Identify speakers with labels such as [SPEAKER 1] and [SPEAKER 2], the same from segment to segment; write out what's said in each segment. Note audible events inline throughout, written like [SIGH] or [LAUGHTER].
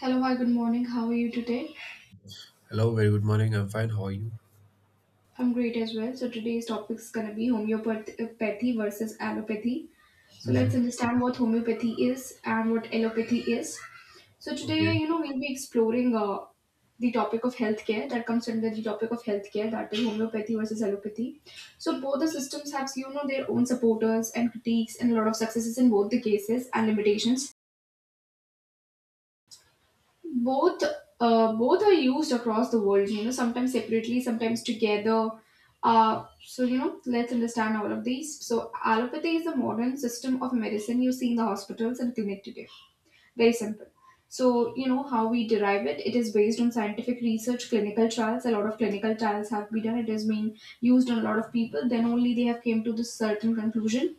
[SPEAKER 1] Hello, hi, good morning. How are you today?
[SPEAKER 2] Hello, very good morning. I'm fine. How are you?
[SPEAKER 1] I'm great as well. So, today's topic is going to be homeopathy versus allopathy. So, let's
[SPEAKER 2] hmm
[SPEAKER 1] understand what homeopathy is and what allopathy is. So, today,
[SPEAKER 2] Okay.
[SPEAKER 1] you know, we'll be exploring the topic of healthcare that comes under the topic of healthcare that is homeopathy versus allopathy. So, both the systems have, you know, their own supporters and critiques and a lot of successes in both the cases and limitations. both Both are used across the world, you know, sometimes separately, sometimes together. So, you know, let's understand all of these. So allopathy is a modern system of medicine you see in the hospitals and clinic today. Very simple. So, you know, how we derive it, it is based on scientific research, clinical trials. A lot of clinical trials have been done. It has been used on a lot of people, then only they have came to this certain conclusion.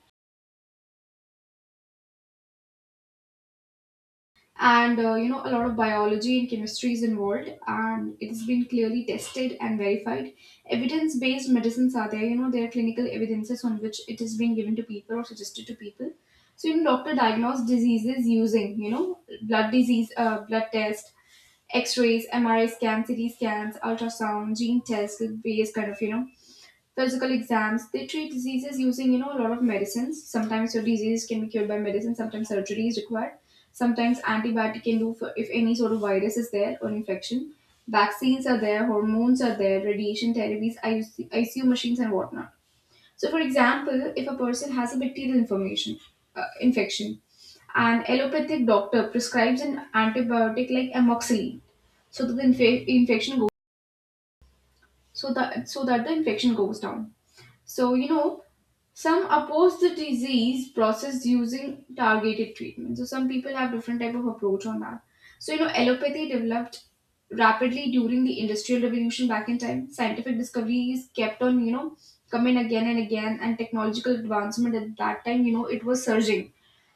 [SPEAKER 1] And you know, a lot of biology and chemistry is involved, and it has been clearly tested and verified. Evidence based medicines are there, you know. There are clinical evidences on which it is being given to people or suggested to people. So you know, doctor diagnose diseases using, you know, blood test, x-rays, MRI scans, CT scans, ultrasound, gene test based kind of, you know, surgical exams. They treat diseases using, you know, a lot of medicines. Sometimes your disease can be cured by medicine, sometimes surgery is required. Sometimes antibiotic can do for if any sort of virus is there or infection. Vaccines are there, hormones are there, radiation therapies, IC ICU machines and whatnot. So, for example, if a person has a bacterial infection, an allopathic doctor prescribes an antibiotic like amoxicillin, so that the inf- infection goes so that the infection goes down. So, you know, some oppose the disease process using targeted treatment. So some people have different type of approach on that. So, you know, allopathy developed rapidly during the industrial revolution back in time. Scientific discoveries kept on, you know, coming again and again, and technological advancement at that time, you know, it was surging.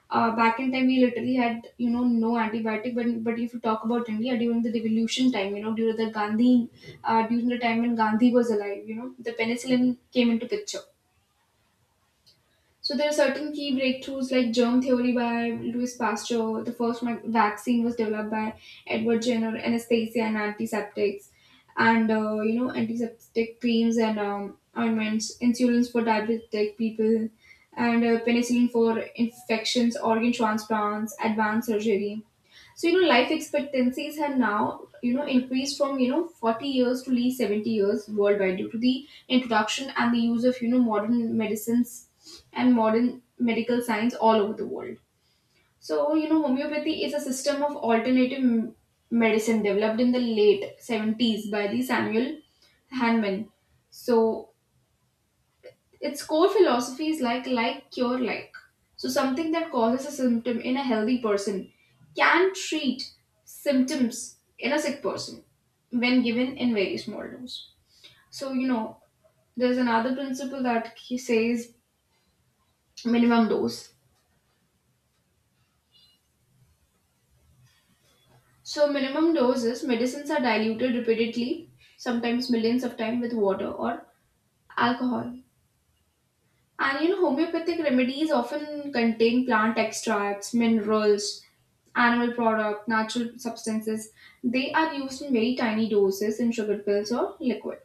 [SPEAKER 1] Back in time, we literally had, you know, no antibiotic. But if you talk about India during the revolution time, you know, during the time when Gandhi was alive, you know, the penicillin came into picture. So there are certain key breakthroughs like germ theory by Louis Pasteur. The first vaccine was developed by Edward Jenner, anesthesia and antiseptics, and you know, antiseptic creams and ointments, insulins for diabetic people, and penicillin for infections, organ transplants, advanced surgery. So, you know, life expectancies have now, you know, increased from, you know, 40 years to at least 70 years worldwide due to the introduction and the use of, you know, modern medicines and modern medical science all over the world. So, you know, homeopathy is a system of alternative medicine developed in the late 70s by the Samuel Hahnemann. So, its core philosophy is like, cure, like. So, something that causes a symptom in a healthy person can treat symptoms in a sick person when given in very small dose. So, you know, there's another principle that he says, minimum dose. So, minimum doses, medicines are diluted repeatedly, sometimes millions of times, with water or alcohol. And you know, homeopathic remedies often contain plant extracts, minerals, animal product, natural substances. They are used in very tiny doses in sugar pills or liquid.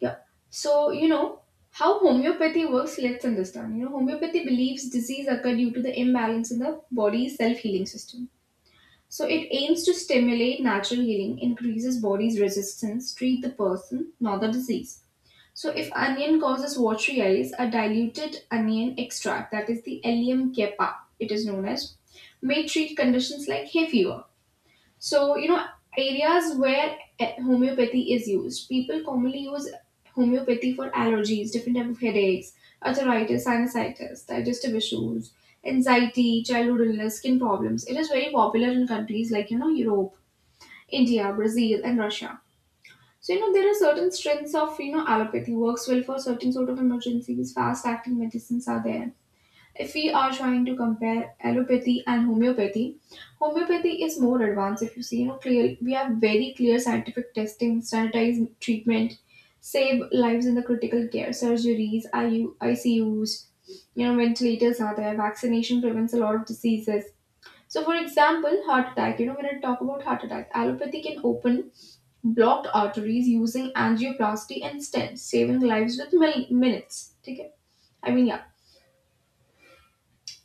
[SPEAKER 1] Yeah. So you know how homeopathy works. Let's understand. You know, homeopathy believes disease occur due to the imbalance in the body's self-healing system. So it aims to stimulate natural healing, increases body's resistance, treat the person, not the disease. So if onion causes watery eyes, a diluted onion extract, that is the Allium cepa, it is known as, may treat conditions like hay fever. So you know, areas where homeopathy is used, people commonly use homeopathy for allergies, different type of headaches, arthritis, sinusitis, digestive issues, anxiety, childhood illness, skin problems. It is very popular in countries like, you know, Europe, India, Brazil, and Russia. So, you know, there are certain strengths of, you know, allopathy works well for certain sort of emergencies. Fast acting medicines are there. If we are trying to compare allopathy and homeopathy, homeopathy is more advanced. If you see, you know, clear, we have very clear scientific testing, sanitized treatment, save lives in the critical care, surgeries, I C U's, you know, ventilators are there, vaccination prevents a lot of diseases. So, for example, heart attack. You know, when I talk about heart attack, allopathy can open blocked arteries using angioplasty and stents, saving lives with minutes. Okay? I mean, yeah.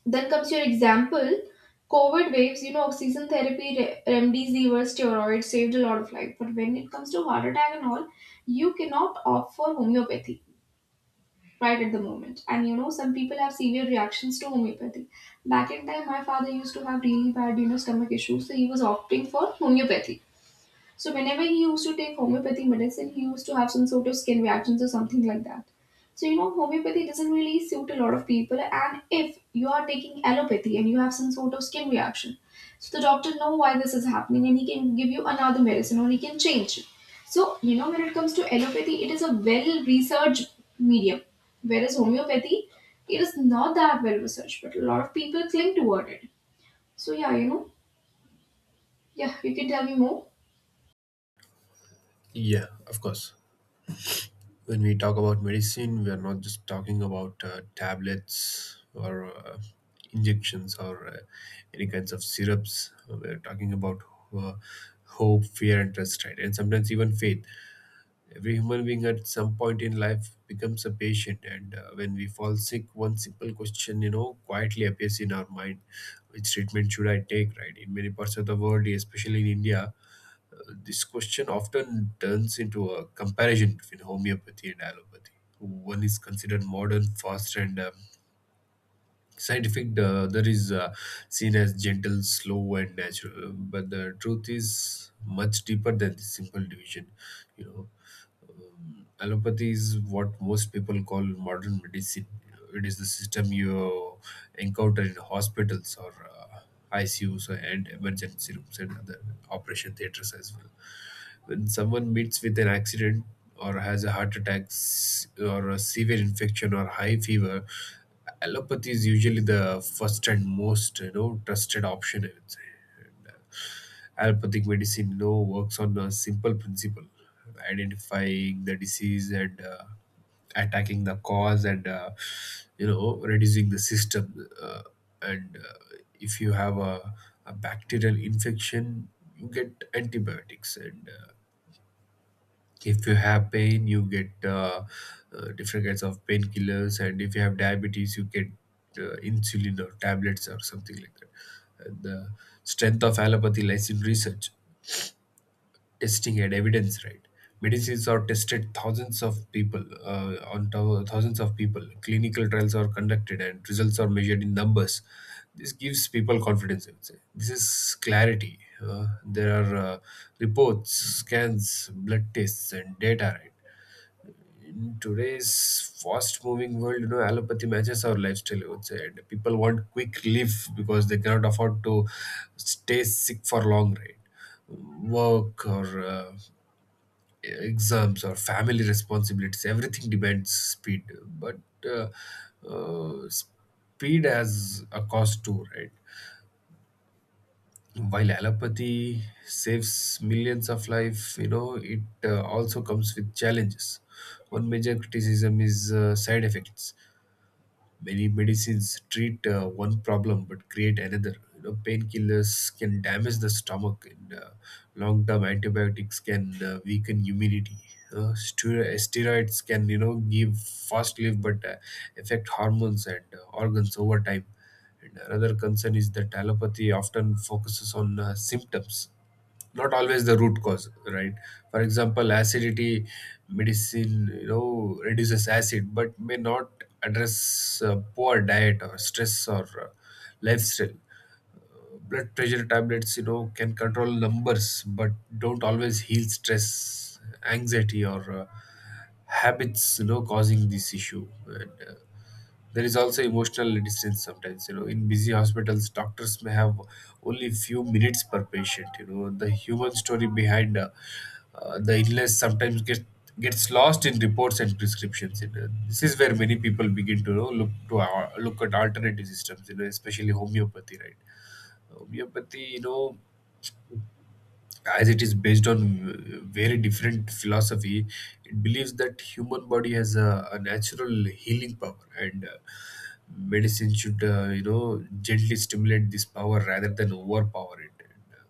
[SPEAKER 1] Then comes your example. COVID waves, you know, oxygen therapy, remdesivir, steroids saved a lot of life. But when it comes to heart attack and all, you cannot opt for homeopathy right at the moment. And you know, some people have severe reactions to homeopathy. Back in time, my father used to have really bad, you know, stomach issues, so he was opting for homeopathy. So whenever he used to take homeopathy medicine, he used to have some sort of skin reactions or something like that. So you know, homeopathy doesn't really suit a lot of people. And if you are taking allopathy and you have some sort of skin reaction, so the doctor know why this is happening and he can give you another medicine or he can change it. So you know, when it comes to allopathy, it is a well-researched medium, whereas homeopathy, it is not that well-researched, but a lot of people cling toward it. So yeah, you know, yeah, you can tell me more.
[SPEAKER 2] Yeah, of course. When we talk about medicine, we are not just talking about tablets or injections or any kinds of syrups. We're talking about uh, hope, fear, and trust, right? And sometimes even faith. Every human being at some point in life becomes a patient. And when we fall sick, one simple question, you know, quietly appears in our mind. Which treatment should I take, right? In many parts of the world, especially in India, this question often turns into a comparison between homeopathy and allopathy. One is considered modern, fast, and scientific, the other is seen as gentle, slow, and natural. But the truth is much deeper than this simple division. You know, Allopathy is what most people call modern medicine. It is the system you encounter in hospitals or ICUs and emergency rooms and other operation theaters as well. When someone meets with an accident or has a heart or a severe infection or high fever, allopathy is usually the first and most, you know, trusted option, I would say. And allopathic medicine, you know, works on a simple principle: identifying the disease and attacking the cause and you know, reducing the system. And If you have a bacterial infection you get antibiotics, and if you have pain you get different kinds of painkillers, and if you have diabetes you get insulin or tablets or something like that. And the strength of allopathy lies in research, testing, and evidence, right? Medicines are tested thousands of people, thousands of people. Clinical trials are conducted and results are measured in numbers. This gives people confidence, I would say. This is clarity. There are reports, scans, blood tests, and data, right? In today's fast moving world, you know, allopathy matches our lifestyle, I would say, and people want quick relief because they cannot afford to stay sick for long, right? Work or uh, exams or family responsibilities, everything demands speed. But uh, uh, speed has a cost too, right? While allopathy saves millions of life, you know, it also comes with challenges. One major criticism is side effects. Many medicines treat one problem but create another. You know, painkillers can damage the stomach, and long-term antibiotics can weaken immunity. Steroids can, you know, give fast relief but affect hormones and organs over time. And another concern is that allopathy often focuses on symptoms, not always the root cause, right? For example, acidity medicine, you know, reduces acid but may not address poor diet or stress or lifestyle. Blood pressure tablets, you know, can control numbers but don't always heal stress, anxiety, or habits, you know, causing this issue. And there is also emotional distance sometimes, you know. In busy hospitals doctors may have only few minutes per patient. You know, the human story behind the illness sometimes gets lost in reports and prescriptions, you know. This is where many people begin to, you know, look at alternative systems, you know, especially homeopathy, right? Homeopathy, you know, as it is based on very different philosophy, it believes that human body has a natural healing power, and medicine should, you know, gently stimulate this power rather than overpower it. And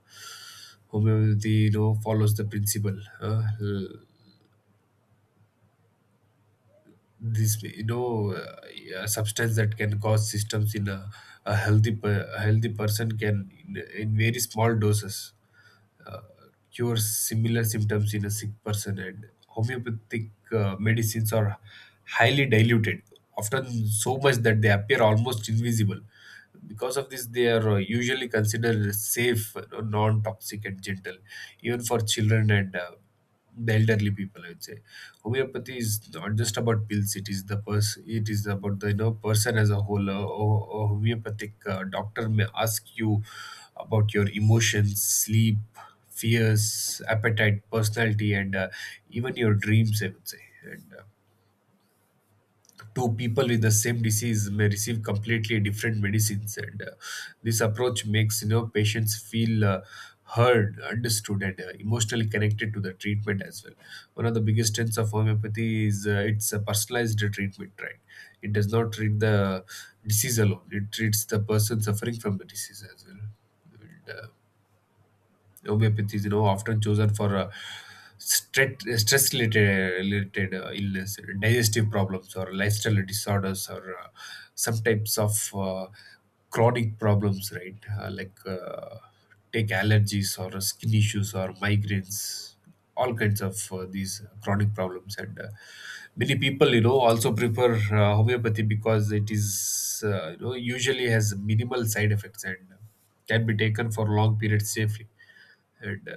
[SPEAKER 2] homeopathy, you know, follows the principle. This, a substance that can cause systems in a healthy person can, in very small doses, uh, cure similar symptoms in a sick person. And homeopathic medicines are highly diluted, often so much that they appear almost invisible. Because of this they are, usually considered safe, you know, non-toxic and gentle, even for children and the elderly people, I would say. Homeopathy is not just about pills, it is the it is about the, you know, person as a whole. A homeopathic doctor may ask you about your emotions, sleep, fears, appetite, personality, and even your dreams, I would say. And two people with the same disease may receive completely different medicines. And this approach makes, you know, patients feel heard, understood, and emotionally connected to the treatment as well. One of the biggest strengths of homeopathy is it's a personalized treatment, right? It does not treat the disease alone, it treats the person suffering from the disease as well. And homeopathy is, you know, often chosen for stress related illness, digestive problems, or lifestyle disorders, or some types of chronic problems, right? Take allergies or skin issues or migraines, all kinds of these chronic problems. And many people, you know, also prefer homeopathy because it is, you know, usually has minimal side effects and can be taken for long periods safely. And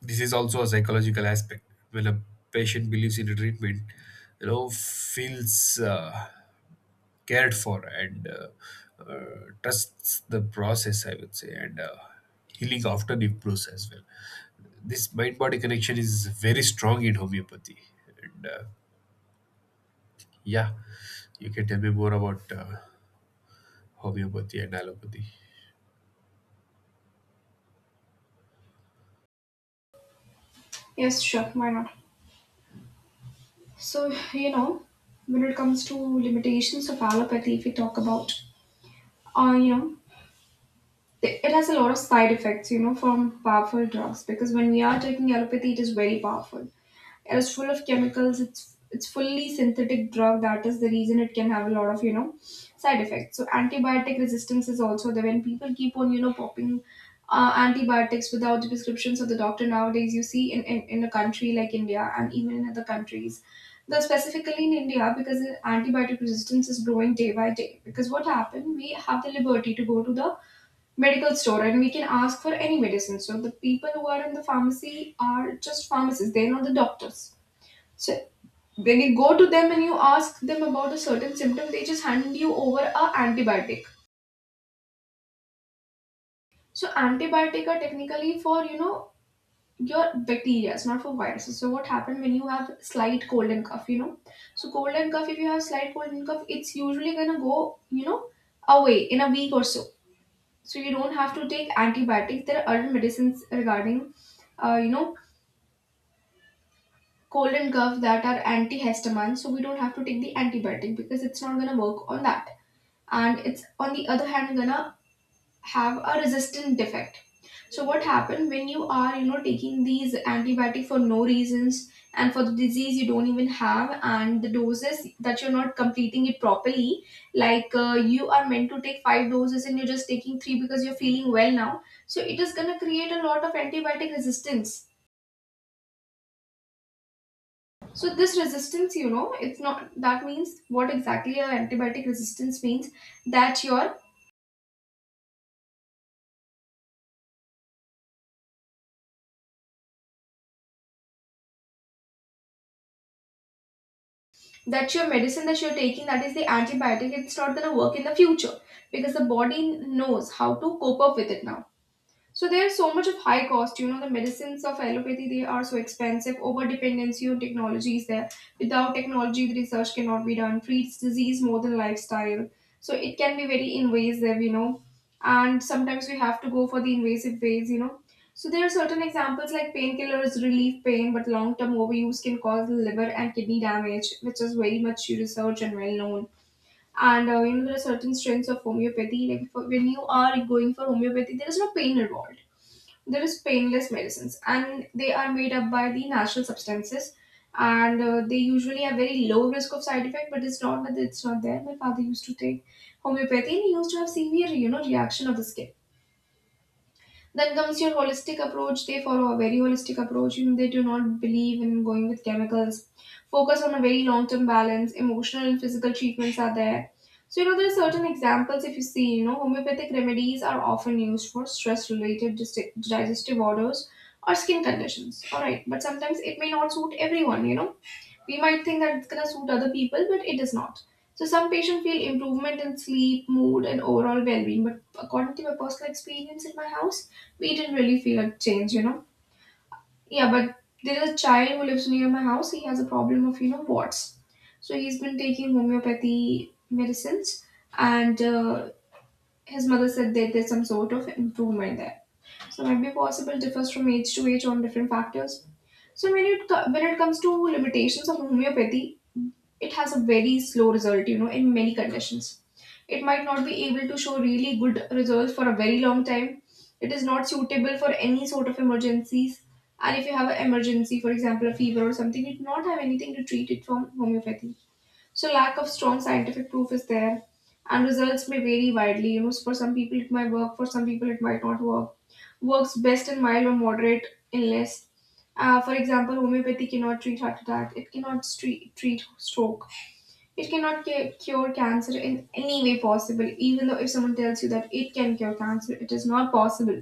[SPEAKER 2] this is also a psychological aspect. When a patient believes in a treatment, you know, feels cared for, and trusts the process, I would say. And healing often improves as well. This mind body connection is very strong in homeopathy. And Yeah, you can tell me more about homeopathy and allopathy.
[SPEAKER 1] Yes, sure, why not? So, you know, when it comes to limitations of allopathy, if we talk about, you know, it has a lot of side effects, you know, from powerful drugs. Because when we are taking allopathy, it is very powerful. It is full of chemicals. It's fully synthetic drug. That is the reason it can have a lot of, you know, side effects. So antibiotic resistance is also there. When people keep on, you know, popping antibiotics without the prescriptions of the doctor nowadays, you see in a country like India and even in other countries. Though specifically in India, because the antibiotic resistance is growing day by day. Because what happened, we have the liberty to go to the medical store and we can ask for any medicine. So the people who are in the pharmacy are just pharmacists, they're not the doctors. So when you go to them and you ask them about a certain symptom, they just hand you over a antibiotic. So antibiotic are technically for, you know, your bacteria, it's not for viruses. So what happened when you have slight cold and cough, you know? So cold and cough, if you have slight cold and cough, it's usually gonna go, you know, away in a week or so. So you don't have to take antibiotics. There are other medicines regarding you know, cold and cough that are antihistamine. So we don't have to take the antibiotic because it's not going to work on that, and it's on the other hand gonna have a resistant defect. So what happened, when you are, you know, taking these antibiotic for no reasons and for the disease you don't even have, and the doses that you're not completing it properly, like you are meant to take 5 doses and you're just taking 3 because you're feeling well now, so it is going to create a lot of antibiotic resistance. So this resistance, you know, it's not that means, what exactly a antibiotic resistance means, that your that your medicine that you're taking, that is the antibiotic, it's not going to work in the future because the body knows how to cope up with it now. So there's so much of high cost. You know, the medicines of allopathy, they are so expensive. Over dependency on technology is there. Without technology, the research cannot be done. Treats disease more than lifestyle. So it can be very invasive, you know. And sometimes we have to go for the invasive ways, you know. So there are certain examples like painkillers relieve pain, but long-term overuse can cause liver and kidney damage, which is very much researched and well known. And you know, there are certain strengths of homeopathy. Like, when you are going for homeopathy, there is no pain involved. There is painless medicines and they are made up by the natural substances, and they usually have very low risk of side effect, but it's not that it's not there. My father used to take homeopathy and he used to have severe reaction of the skin. Then comes your holistic approach. They follow a very holistic approach. They do not believe in going with chemicals. Focus on a very long-term balance. Emotional and physical treatments are there. So there are certain examples. If you see, homeopathic remedies are often used for stress-related digestive disorders or skin conditions. All right, but sometimes it may not suit everyone. We might think that it's going to suit other people, but it is not. So some patients feel improvement in sleep, mood, and overall well-being, but according to my personal experience in my house, we didn't really feel a change. Yeah, but there is a child who lives near my house. He has a problem of warts, so he's been taking homeopathy medicines, and his mother said that there's some sort of improvement there. So might be possible differs from age to age on different factors. So when when it comes to limitations of homeopathy, it has a very slow result in many conditions. It might not be able to show really good results for a very long time. It is not suitable for any sort of emergencies, and if you have an emergency, for example a fever or something, you do not have anything to treat it from homeopathy. So lack of strong scientific proof is there, and results may vary widely, for some people it might work, for some people it might not work. Works best in mild or moderate illness. For example, homeopathy cannot treat heart attack, it cannot treat stroke, it cannot cure cancer in any way possible. Even though if someone tells you that it can cure cancer, it is not possible.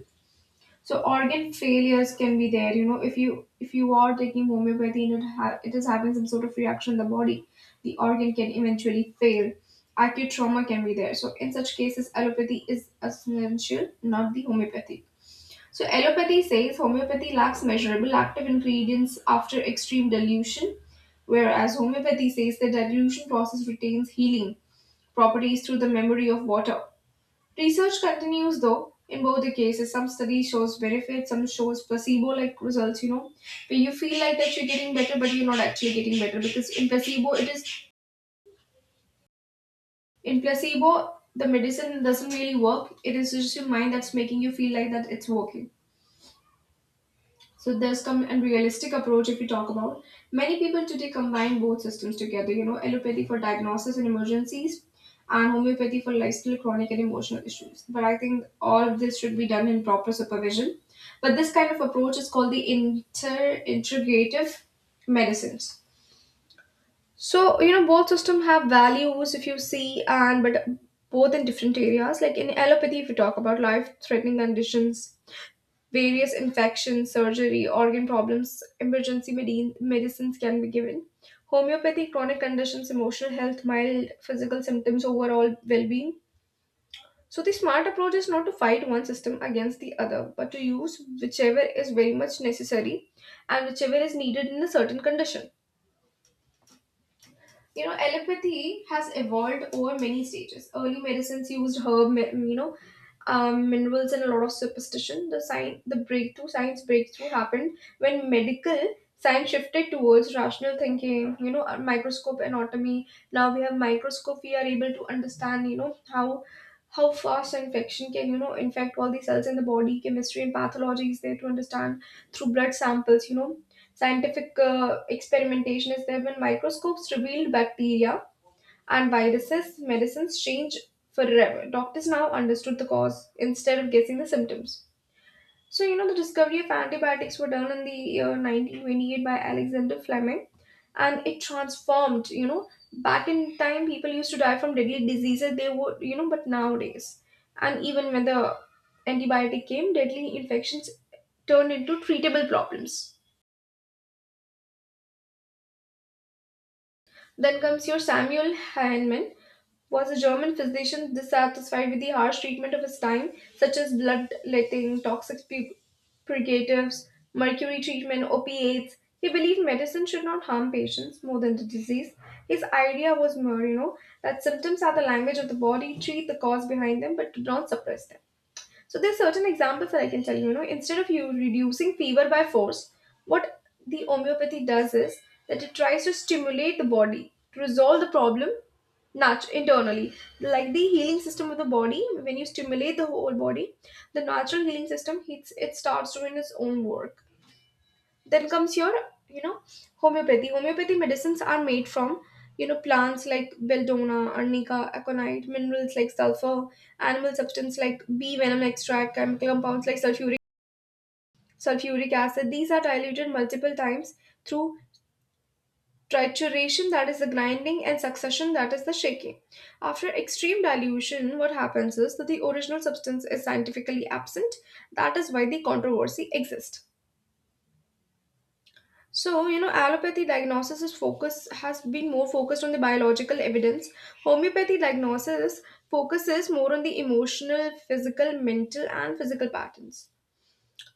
[SPEAKER 1] So organ failures can be there. If you are taking homeopathy and it is having some sort of reaction in the body, the organ can eventually fail. Acute trauma can be there. So in such cases, allopathy is essential, not the homeopathy. So allopathy says homeopathy lacks measurable active ingredients after extreme dilution, whereas homeopathy says the dilution process retains healing properties through the memory of water. Research continues though in both the cases. Some studies shows benefits, some shows placebo-like results, where you feel like that you're getting better, but you're not actually getting better, because in placebo the medicine doesn't really work. It is just your mind that's making you feel like that it's working. So there's come a realistic approach if we talk about. Many people today combine both systems together, allopathy for diagnosis and emergencies and homeopathy for lifestyle, chronic and emotional issues. But I think all of this should be done in proper supervision. But this kind of approach is called the inter-integrative medicines. So, both system have values if you see, and but both in different areas. Like in allopathy, if we talk about life-threatening conditions, various infections, surgery, organ problems, emergency medin medicines can be given. Homeopathy, chronic conditions, emotional health, mild physical symptoms, overall well being. So, the smart approach is not to fight one system against the other, but to use whichever is very much necessary and whichever is needed in a certain condition. Allopathy has evolved over many stages. Early medicines used minerals and a lot of superstition. The science the breakthrough science breakthrough happened when medical science shifted towards rational thinking. Microscope, anatomy. Now we have microscope, we are able to understand how fast infection can infect all the cells in the body. Chemistry and pathology is there to understand through blood samples. Scientific experimentation is there. When microscopes revealed bacteria and viruses, medicines change forever. Doctors now understood the cause instead of guessing the symptoms. So, the discovery of antibiotics were done in the year 1928 by Alexander Fleming, and it transformed. You know, Back in time, people used to die from deadly diseases, they would, but nowadays, and even when the antibiotic came, deadly infections turned into treatable problems. Then comes your Samuel Hahnemann, was a German physician dissatisfied with the harsh treatment of his time, such as bloodletting, toxic purgatives, mercury treatment, opiates. He believed medicine should not harm patients more than the disease. His idea was more, that symptoms are the language of the body, treat the cause behind them, but do not suppress them. So there's certain examples that I can tell you. Instead of you reducing fever by force, what the homeopathy does is that it tries to stimulate the body to resolve the problem internally, like the healing system of the body. When you stimulate the whole body, the natural healing system hits, it starts doing its own work. Then comes your you know homeopathy. Homeopathy medicines are made from plants like belladonna, arnica, aconite, minerals like sulfur, animal substance like bee venom extract, chemical compounds like sulfuric acid. These are diluted multiple times through trituration, that is the grinding, and succussion, that is the shaking. After extreme dilution, what happens is that the original substance is scientifically absent. That is why the controversy exists. So, allopathy diagnosis is focus has been more focused on the biological evidence. Homeopathy diagnosis focuses more on the emotional, physical, mental, and physical patterns.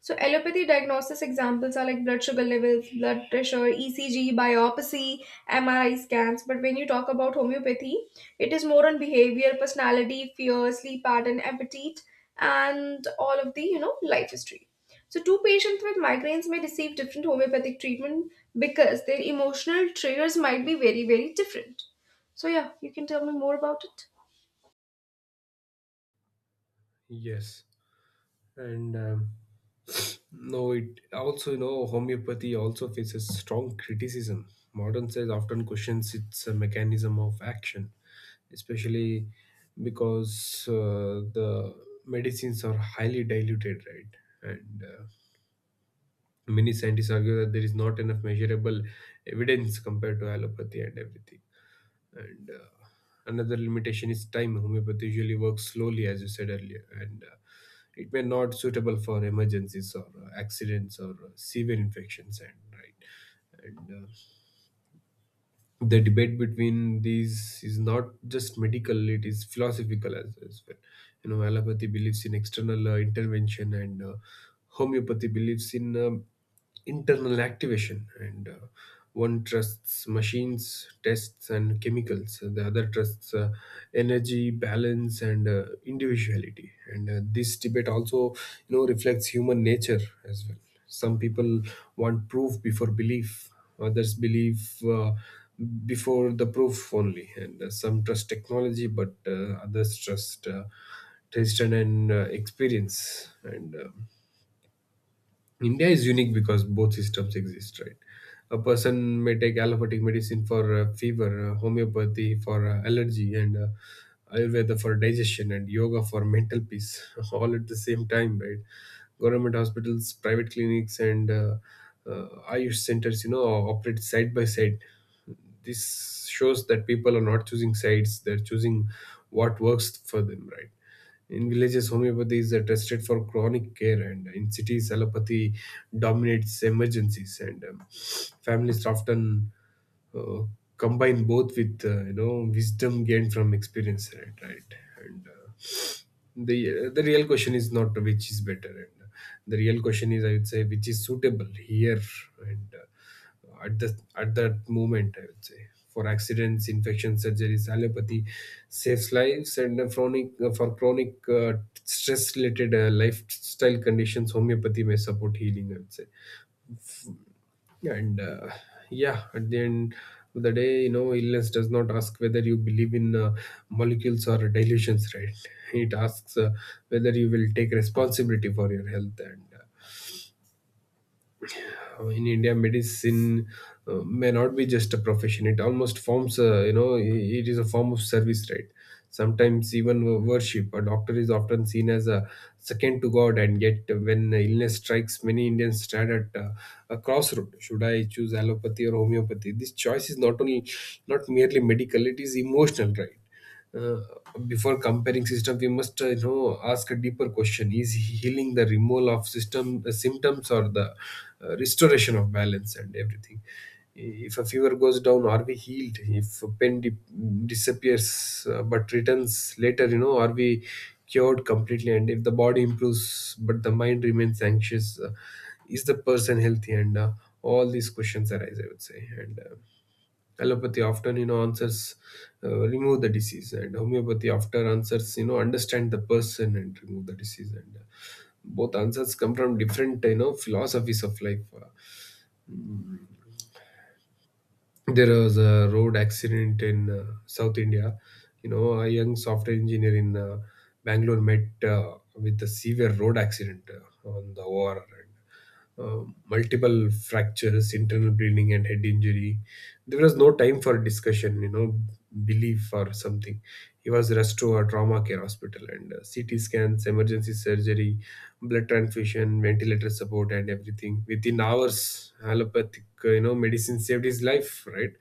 [SPEAKER 1] So allopathy diagnosis examples are like blood sugar levels, blood pressure, ECG, biopsy, MRI scans. But when you talk about homeopathy, it is more on behavior, personality, fear, sleep pattern, appetite, and all of the life history. So two patients with migraines may receive different homeopathic treatment because their emotional triggers might be very very different. So yeah, you can tell me more about it.
[SPEAKER 2] Yes, and no, it also, you know, homeopathy also faces strong criticism. Modern science often questions its mechanism of action, especially because the medicines are highly diluted, right? And many scientists argue that there is not enough measurable evidence compared to allopathy and everything. And another limitation is time. Homeopathy usually works slowly, as you said earlier. And it may not suitable for emergencies or accidents or severe infections and right. And the debate between these is not just medical, it is philosophical as well. You know, allopathy believes in external intervention, and homeopathy believes in internal activation. And one trusts machines, tests, and chemicals. The other trusts energy, balance, and individuality. And this debate also, you know, reflects human nature as well. Some people want proof before belief. Others believe before the proof only. And some trust technology, but others trust taste and experience. And India is unique because both systems exist, right? A person may take allopathic medicine for fever, homeopathy for allergy, and Ayurveda for digestion, and yoga for mental peace, [LAUGHS] all at the same time, right? Government hospitals, private clinics, and Ayush centers, you know, operate side by side. This shows that people are not choosing sides, they're choosing what works for them, right? In villages homeopathy is tested for chronic care, and in cities allopathy dominates emergencies. And Families often uh, combine both with, you know, wisdom gained from experience, right? Right. And the real question is not which is better. And the real question is, I would say, which is suitable here. And at that moment, I would say, for accidents, infections, surgeries, allopathy saves lives. And chronic for chronic stress related lifestyle conditions, homeopathy may support healing, I would say. yeah, and uh, yeah, at the end of the day, you know, illness does not ask whether you believe in molecules or dilutions, right? It asks whether you will take responsibility for your health. And in India, medicine may not be just a profession. It almost forms a, you know, it is a form of service, right? Sometimes even worship. A doctor is often seen as a second to God, and yet when illness strikes, many Indians stand at a crossroad. Should I choose allopathy or homeopathy? This choice is not merely medical; it is emotional, right? uh, Before comparing system we must, you know, ask a deeper question. Is healing the removal of system symptoms, or the restoration of balance and everything? If a fever goes down are we healed? If a disappears but returns later, you know, are we cured completely? And if the body improves but the mind remains anxious, is the person healthy? And all these questions arise, I would say. And allopathy often, you know, answers, remove the disease, and homeopathy after answers, you know, understand the person and remove the disease. And both answers come from different, you know, philosophies of life. Mm, there was a road accident in South India. You know, a young software engineer in Bangalore met with a severe road accident on the ORR. Multiple fractures, internal bleeding, and head injury. There was no time for discussion, you know, belief or something. He was rushed to a trauma care hospital, and CT scans, emergency surgery, blood transfusion, ventilator support, and everything. Within hours, allopathic, you know, medicine saved his life, right?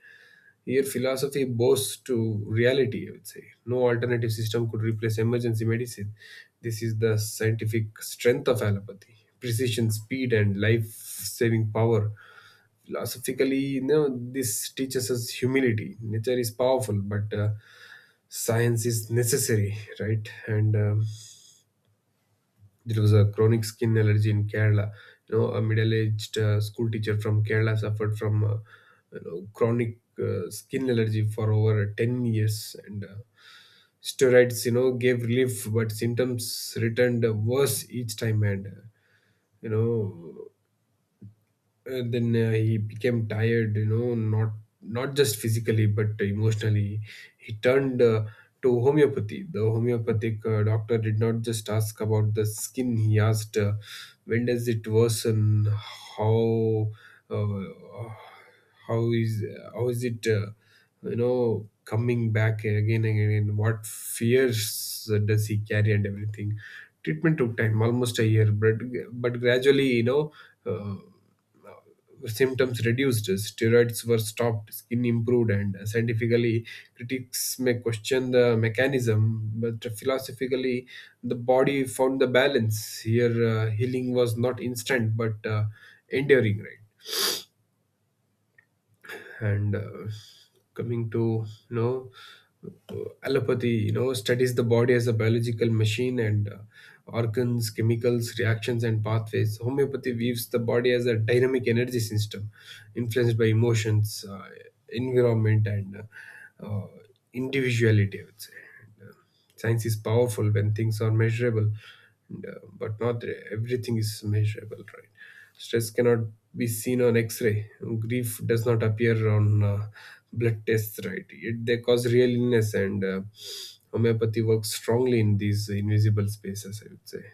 [SPEAKER 2] Here, philosophy bows to reality, I would say. No alternative system could replace emergency medicine. This is the scientific strength of allopathy: precision, speed, and life saving power. Philosophically, you know, this teaches us humility. Nature is powerful, but science is necessary, right? And There was a chronic skin allergy in Kerala. You know, a middle-aged school teacher from Kerala suffered from, you know, chronic skin allergy for over 10 years, and steroids, you know, gave relief, but symptoms returned worse each time. And you know then he became tired, you know, not not just physically but emotionally. He turned to homeopathy. The homeopathic doctor did not just ask about the skin, he asked, when does it worsen, how uh, how is how is it, you know, coming back again and again, what fears does he carry and everything. Treatment took time, almost a year, but gradually, you know, uh, symptoms reduced, steroids were stopped, skin improved. And scientifically, critics may question the mechanism, but philosophically, the body found the balance. Here, healing was not instant but enduring, right? and coming to, you know, uh, allopathy, you know, studies the body as a biological machine, and organs, chemicals, reactions, and pathways. Homeopathy views the body as a dynamic energy system influenced by emotions, environment, and individuality, I would say. Science is powerful when things are measurable. And but not everything is measurable, right? Stress cannot be seen on x-ray, grief does not appear on blood tests, right? Yet they cause real illness. And homeopathy works strongly in these invisible spaces, I would say.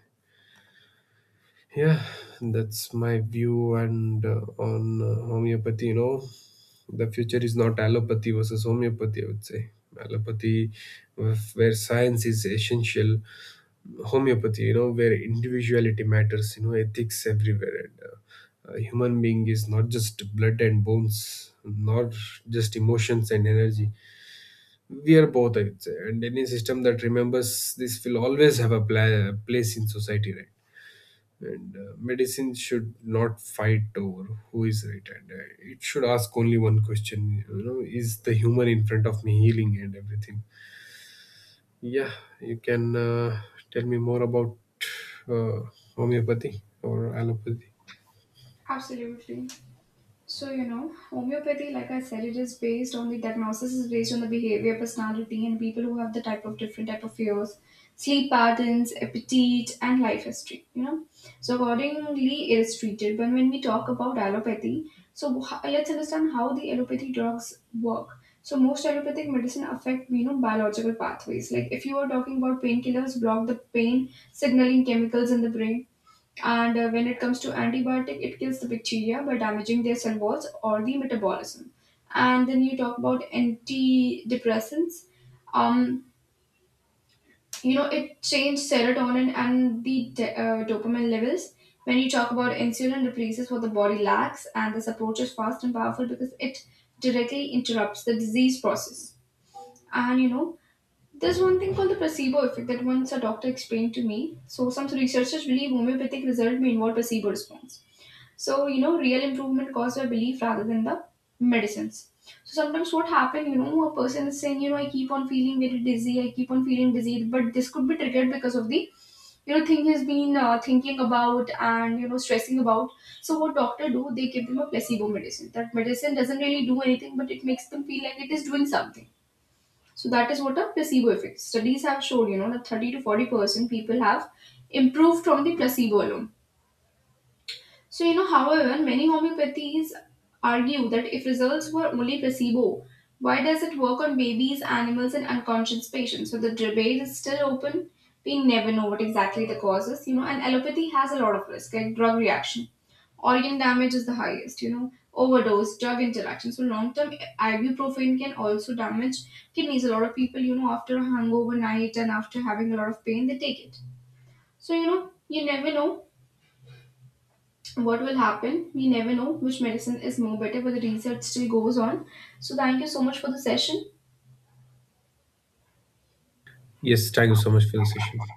[SPEAKER 2] Yeah, that's my view, and on homeopathy. You know, the future is not allopathy versus homeopathy, I would say. Allopathy, where science is essential, homeopathy, you know, where individuality matters. You know, ethics everywhere. And a human being is not just blood and bones, not just emotions and energy. We are both, I would say, and any system that remembers this will always have a place in society, right? And medicine should not fight over who is right. And it should ask only one question, you know, is the human in front of me healing and everything. Yeah, you can tell me more about uh, homeopathy or allopathy.
[SPEAKER 1] Absolutely. So, homeopathy, like I said, it is based on the diagnosis is based on the behavior, personality, and people who have the type of different type of fears, sleep patterns, appetite, and life history. So accordingly, it is treated. But when we talk about allopathy, so let's understand how the allopathy drugs work. So most allopathic medicine affect biological pathways. Like if you are talking about painkillers, block the pain signaling chemicals in the brain, and when it comes to antibiotic, it kills the bacteria by damaging their cell walls or the metabolism. And then you talk about antidepressants. Um, it changes serotonin and the dopamine levels. When you talk about insulin, replaces what the body lacks, and this approach is fast and powerful because it directly interrupts the disease process. And there's one thing called the placebo effect that once a doctor explained to me. So some researchers believe homeopathic result may involve placebo response. So, real improvement caused by belief rather than the medicines. So sometimes what happen, a person is saying, I keep on feeling very dizzy, I keep on feeling dizzy, but this could be triggered because of the thing he's been thinking about, and, stressing about. So what doctor do, they give them a placebo medicine. That medicine doesn't really do anything, but it makes them feel like it is doing something. So that is what a placebo effect. Studies have shown, that 30 to 40% people have improved from the placebo alone. So, however, many homeopathies argue that if results were only placebo, why does it work on babies, animals, and unconscious patients? So the debate is still open. We never know what exactly the cause is, and allopathy has a lot of risk, like drug reaction. Organ damage is the highest, overdose, drug interaction. So long term ibuprofen can also damage kidneys. A lot of people, after a hangover night and after having a lot of pain, they take it. So, you never know what will happen. We never know which medicine is more better, but the research still goes on. So thank you so much for the session.
[SPEAKER 2] Yes, thank you so much for the session.